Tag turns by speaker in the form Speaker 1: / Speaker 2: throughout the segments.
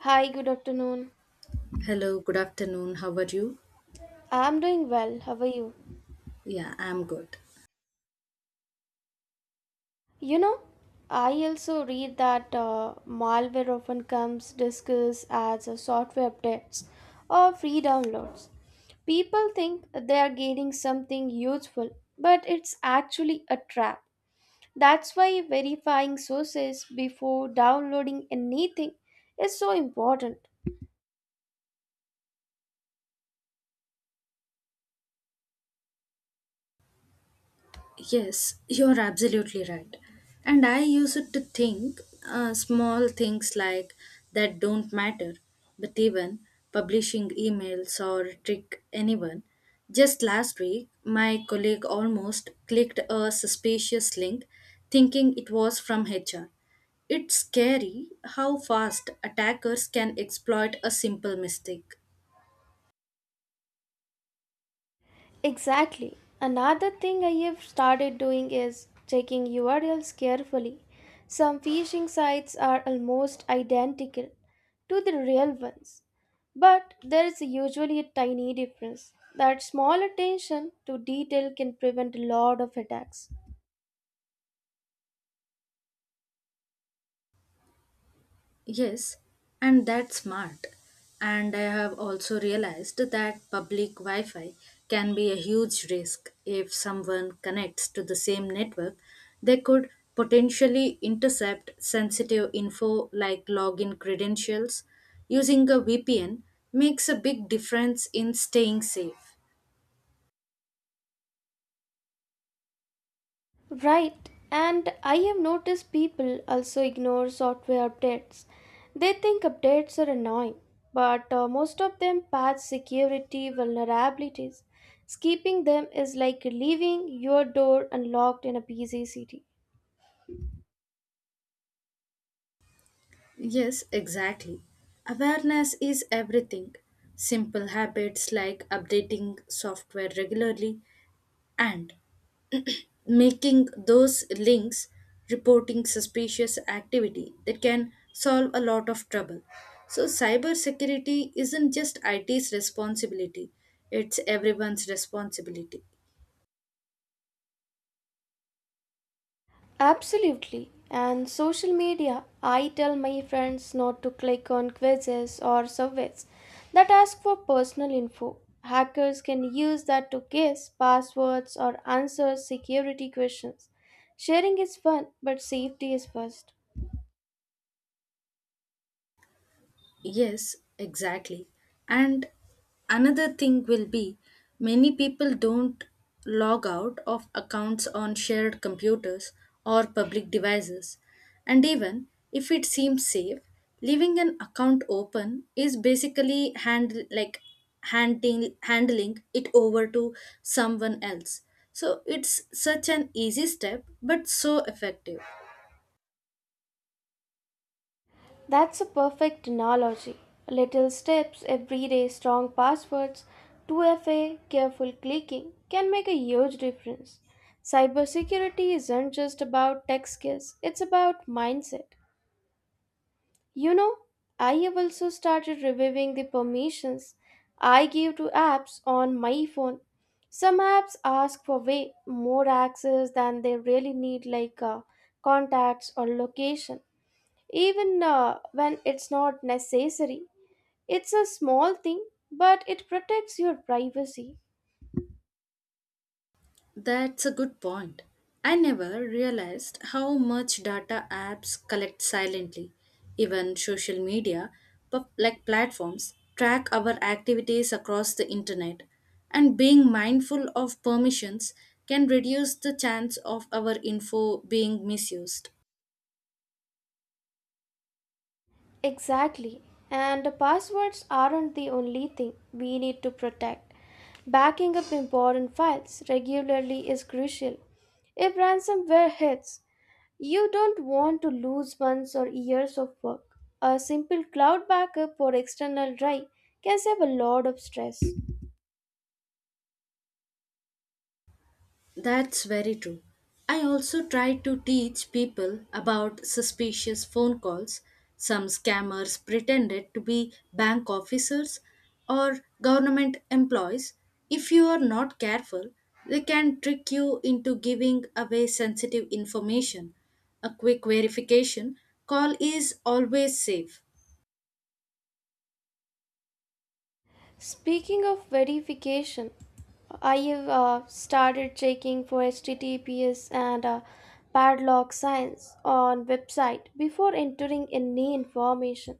Speaker 1: Hi, good afternoon.
Speaker 2: Hello, good afternoon. How are you?
Speaker 1: I'm doing well. How are you?
Speaker 2: Yeah, I'm good.
Speaker 1: You know, I also read that malware often comes disguised as a software updates or free downloads. People think they are gaining something useful, but it's actually a trap. That's why verifying sources before downloading anything is so important.
Speaker 2: Yes, you're absolutely right. And I used to think small things like that don't matter, but even publishing emails or trick anyone. Just last week, my colleague almost clicked a suspicious link thinking it was from HR. It's scary how fast attackers can exploit a simple mistake.
Speaker 1: Exactly. Another thing I have started doing is checking URLs carefully. Some phishing sites are almost identical to the real ones, but there is usually a tiny difference. That small attention to detail can prevent a lot of attacks.
Speaker 2: Yes, and that's smart. And I have also realized that public Wi Fi can be a huge risk. If someone connects to the same network, they could potentially intercept sensitive info like login credentials. Using a VPN makes a big difference in staying safe.
Speaker 1: Right, and I have noticed people also ignore software updates. They think updates are annoying, but most of them patch security vulnerabilities. Skipping them is like leaving your door unlocked in a busy city.
Speaker 2: Yes, exactly. Awareness is everything. Simple habits like updating software regularly and making those links reporting suspicious activity that can solve a lot of trouble, so cybersecurity isn't just IT's responsibility, it's everyone's responsibility.
Speaker 1: Absolutely. And social media, I tell my friends not to click on quizzes or surveys that ask for personal info. Hackers can use that to guess passwords or answer security questions. Sharing is fun, but safety is first.
Speaker 2: Yes, exactly. And another thing will be, many people don't log out of accounts on shared computers or public devices. And even if it seems safe, leaving an account open is basically hand like handing handling it over to someone else. So it's such an easy step but so effective.
Speaker 1: That's a perfect analogy. Little steps, everyday strong passwords, 2FA, careful clicking can make a huge difference. Cybersecurity isn't just about tech skills, it's about mindset. You know, I have also started reviewing the permissions I give to apps on my phone. Some apps ask for way more access than they really need, like contacts or location even when it's not necessary. It's a small thing, but it protects your privacy.
Speaker 2: That's a good point. I never realized how much data apps collect silently. Even social media, like platforms, track our activities across the internet, and being mindful of permissions can reduce the chance of our info being misused.
Speaker 1: Exactly. And the passwords aren't the only thing we need to protect. Backing up important files regularly is crucial. If ransomware hits, you don't want to lose months or years of work. A simple cloud backup or external drive can save a lot of stress.
Speaker 2: That's very true. I also try to teach people about suspicious phone calls. Some scammers pretended to be bank officers or government employees. If you are not careful, they can trick you into giving away sensitive information. A quick verification call is always safe.
Speaker 1: Speaking of verification, I have started checking for HTTPS and padlock signs on website before entering any information.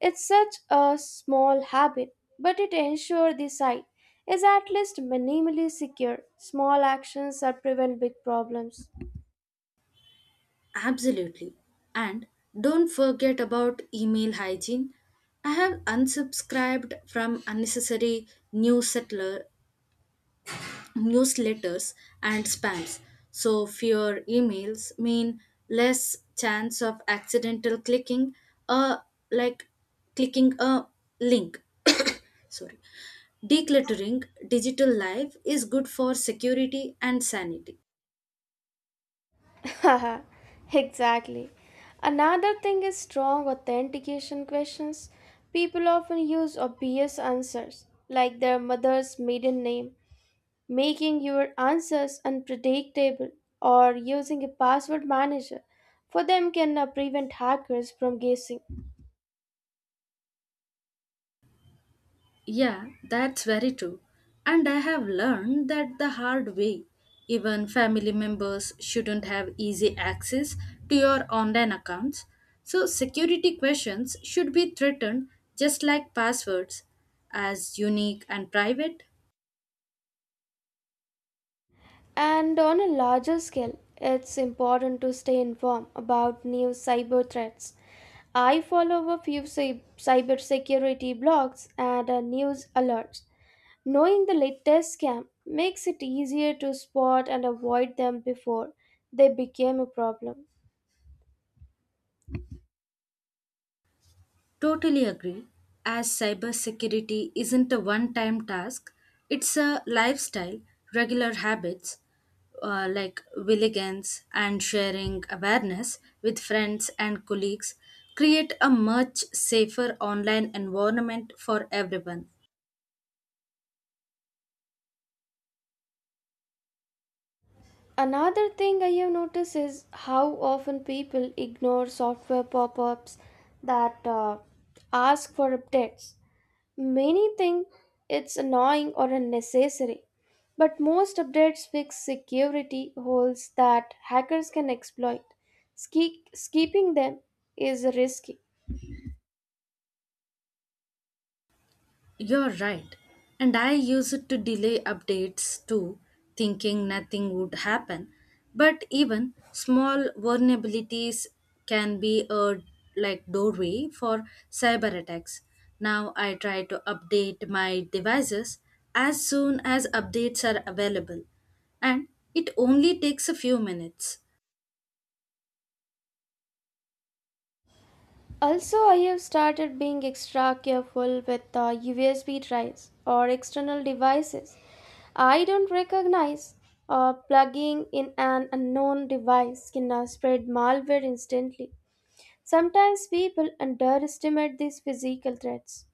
Speaker 1: It's such a small habit, but it ensures the site is at least minimally secure. Small actions that prevent big problems.
Speaker 2: Absolutely. And don't forget about email hygiene. I have unsubscribed from unnecessary newsletter, newsletters and spams. So fewer emails mean less chance of accidental clicking uh like clicking a link. Sorry. Decluttering digital life is good for security and sanity.
Speaker 1: Exactly. Another thing is strong authentication questions. People often use obvious answers, like their mother's maiden name, making your answers unpredictable, or using a password manager. For them, can prevent hackers from guessing.
Speaker 2: Yeah, that's very true. And I have learned that the hard way. Even family members shouldn't have easy access to your online accounts. So, security questions should be threatened just like passwords, as unique and private.
Speaker 1: And on a larger scale, it's important to stay informed about new cyber threats. I follow a few cybersecurity blogs and news alerts. Knowing the latest scam makes it easier to spot and avoid them before they became a problem.
Speaker 2: Totally agree. As cybersecurity isn't a one time task, it's a lifestyle, regular habits like willigans and sharing awareness with friends and colleagues create a much safer online environment for everyone.
Speaker 1: Another thing I have noticed is how often people ignore software pop ups that ask for updates. Many think it's annoying or unnecessary, but most updates fix security holes that hackers can exploit. Skipping them is risky.
Speaker 2: You're right. And I use it to delay updates too, thinking nothing would happen. But even small vulnerabilities can be a like doorway for cyber attacks. Now I try to update my devices as soon as updates are available. And it only takes a few minutes.
Speaker 1: Also, I have started being extra careful with USB drives or external devices I don't recognize. Plugging in an unknown device can spread malware instantly. Sometimes people underestimate these physical threats.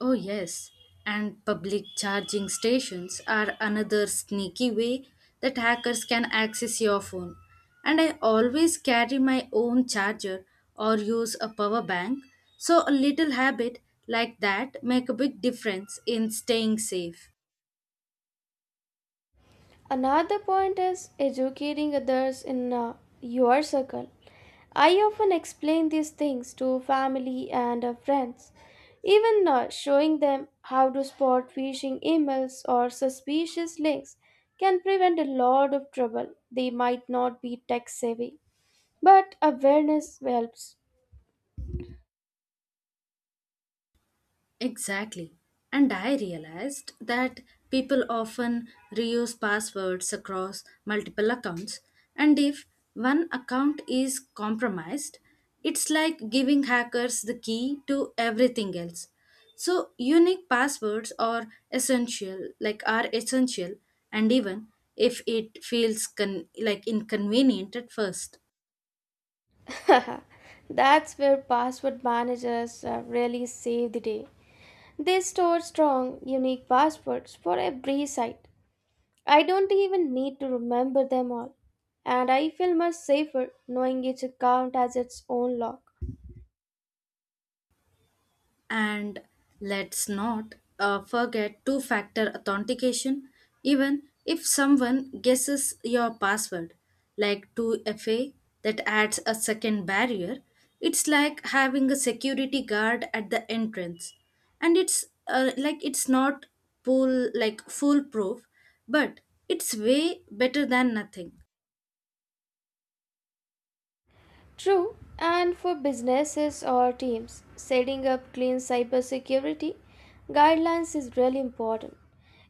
Speaker 2: Oh, yes. And public charging stations are another sneaky way that hackers can access your phone. And I always carry my own charger or use a power bank, so a little habit like that make a big difference in staying safe.
Speaker 1: Another point is educating others in your circle. I often explain these things to family and friends, even showing them how to spot phishing emails or suspicious links can prevent a lot of trouble. They might not be tech savvy, but awareness helps.
Speaker 2: Exactly. And I realized that people often reuse passwords across multiple accounts. And if one account is compromised, it's like giving hackers the key to everything else. So unique passwords are essential, like are essential, and even if it feels like inconvenient at first.
Speaker 1: That's where password managers really save the day. They store strong, unique passwords for every site. I don't even need to remember them all, and I feel much safer knowing each account has its own log.
Speaker 2: And let's not forget two factor authentication, even if someone guesses your password, like 2FA that adds a second barrier. It's like having a security guard at the entrance. And it's not full like foolproof, but it's way better than nothing.
Speaker 1: True, and for businesses or teams, setting up clean cybersecurity guidelines is really important.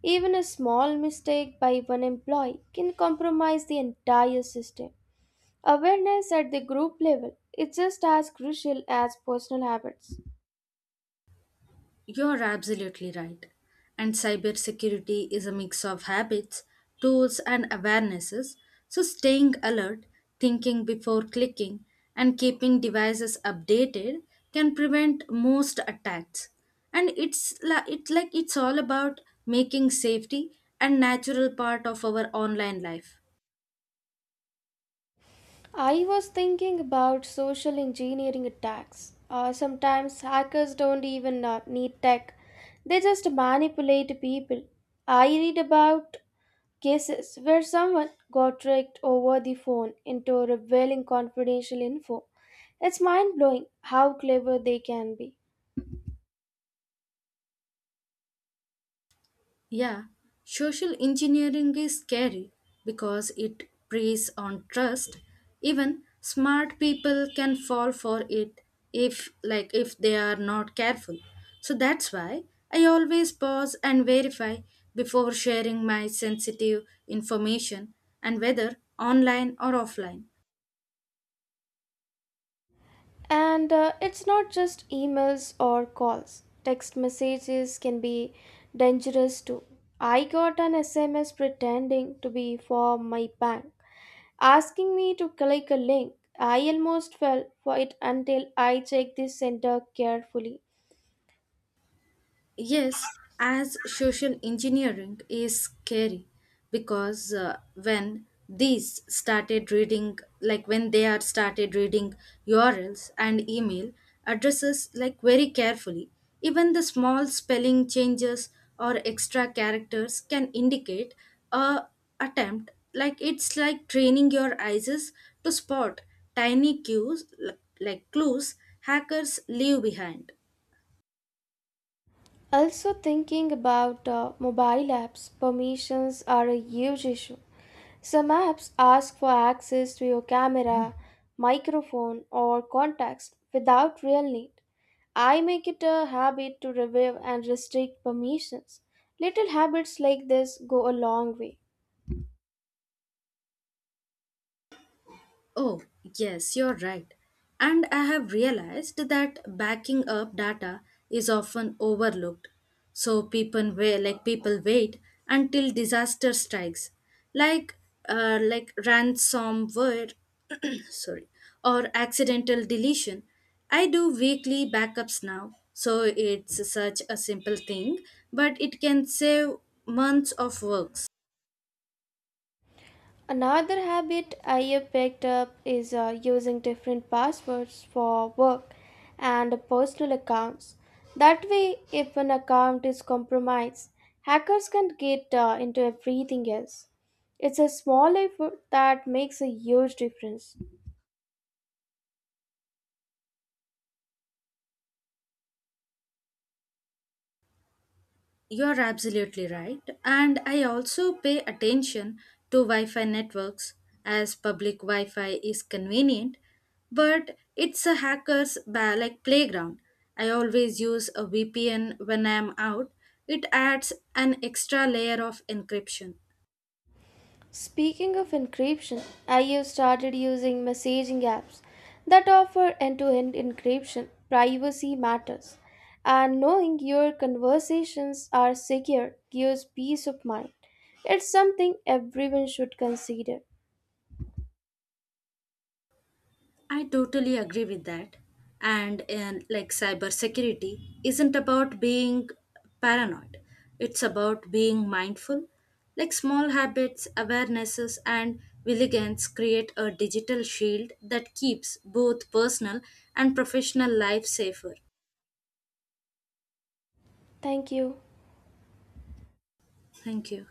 Speaker 1: Even a small mistake by one employee can compromise the entire system. Awareness at the group level is just as crucial as personal habits.
Speaker 2: You're absolutely right. And cybersecurity is a mix of habits, tools, and awarenesses. So, staying alert, thinking before clicking, and keeping devices updated can prevent most attacks. And it's, la- it's like it's all about making safety a natural part of our online life.
Speaker 1: I was thinking about social engineering attacks. Sometimes hackers don't even need tech, they just manipulate people. I read about cases where someone got tricked over the phone into revealing confidential info. It's mind blowing how clever they can be.
Speaker 2: Yeah, social engineering is scary because it preys on trust. Even smart people can fall for it if they are not careful. So that's why I always pause and verify before sharing my sensitive information and whether online or offline.
Speaker 1: And it's not just emails or calls. Text messages can be dangerous too. I got an SMS pretending to be for my bank, asking me to click a link. I almost fell for it until I checked the sender carefully.
Speaker 2: Yes, as social engineering is scary because when they are started reading URLs and email addresses, like very carefully, even the small spelling changes or extra characters can indicate a attempt. Like it's like training your eyes to spot tiny cues, like clues hackers leave behind.
Speaker 1: Also, thinking about mobile apps, permissions are a huge issue. Some apps ask for access to your camera, microphone, or contacts without real need. I make it a habit to review and restrict permissions. Little habits like this go a long way.
Speaker 2: Oh, yes, you're right. And I have realized that backing up data is often overlooked. So people wait until disaster strikes, like like ransomware, sorry, or accidental deletion. I do weekly backups now, so it's such a simple thing, but it can save months of work.
Speaker 1: Another habit I have picked up is using different passwords for work and personal accounts. That way, if an account is compromised, hackers can get into everything else. It's a small effort that makes a huge difference.
Speaker 2: You're absolutely right. And I also pay attention to Wi Fi networks as public Wi Fi is convenient, but it's a hacker's like playground. I always use a VPN when I'm out, it adds an extra layer of encryption.
Speaker 1: Speaking of encryption, I have started using messaging apps that offer end to end encryption. Privacy matters, and knowing your conversations are secure gives peace of mind. It's something everyone should consider.
Speaker 2: I totally agree with that. And in, like cybersecurity isn't about being paranoid. It's about being mindful. Like small habits, awarenesses, and vigilance create a digital shield that keeps both personal and professional life safer.
Speaker 1: Thank you.
Speaker 2: Thank you.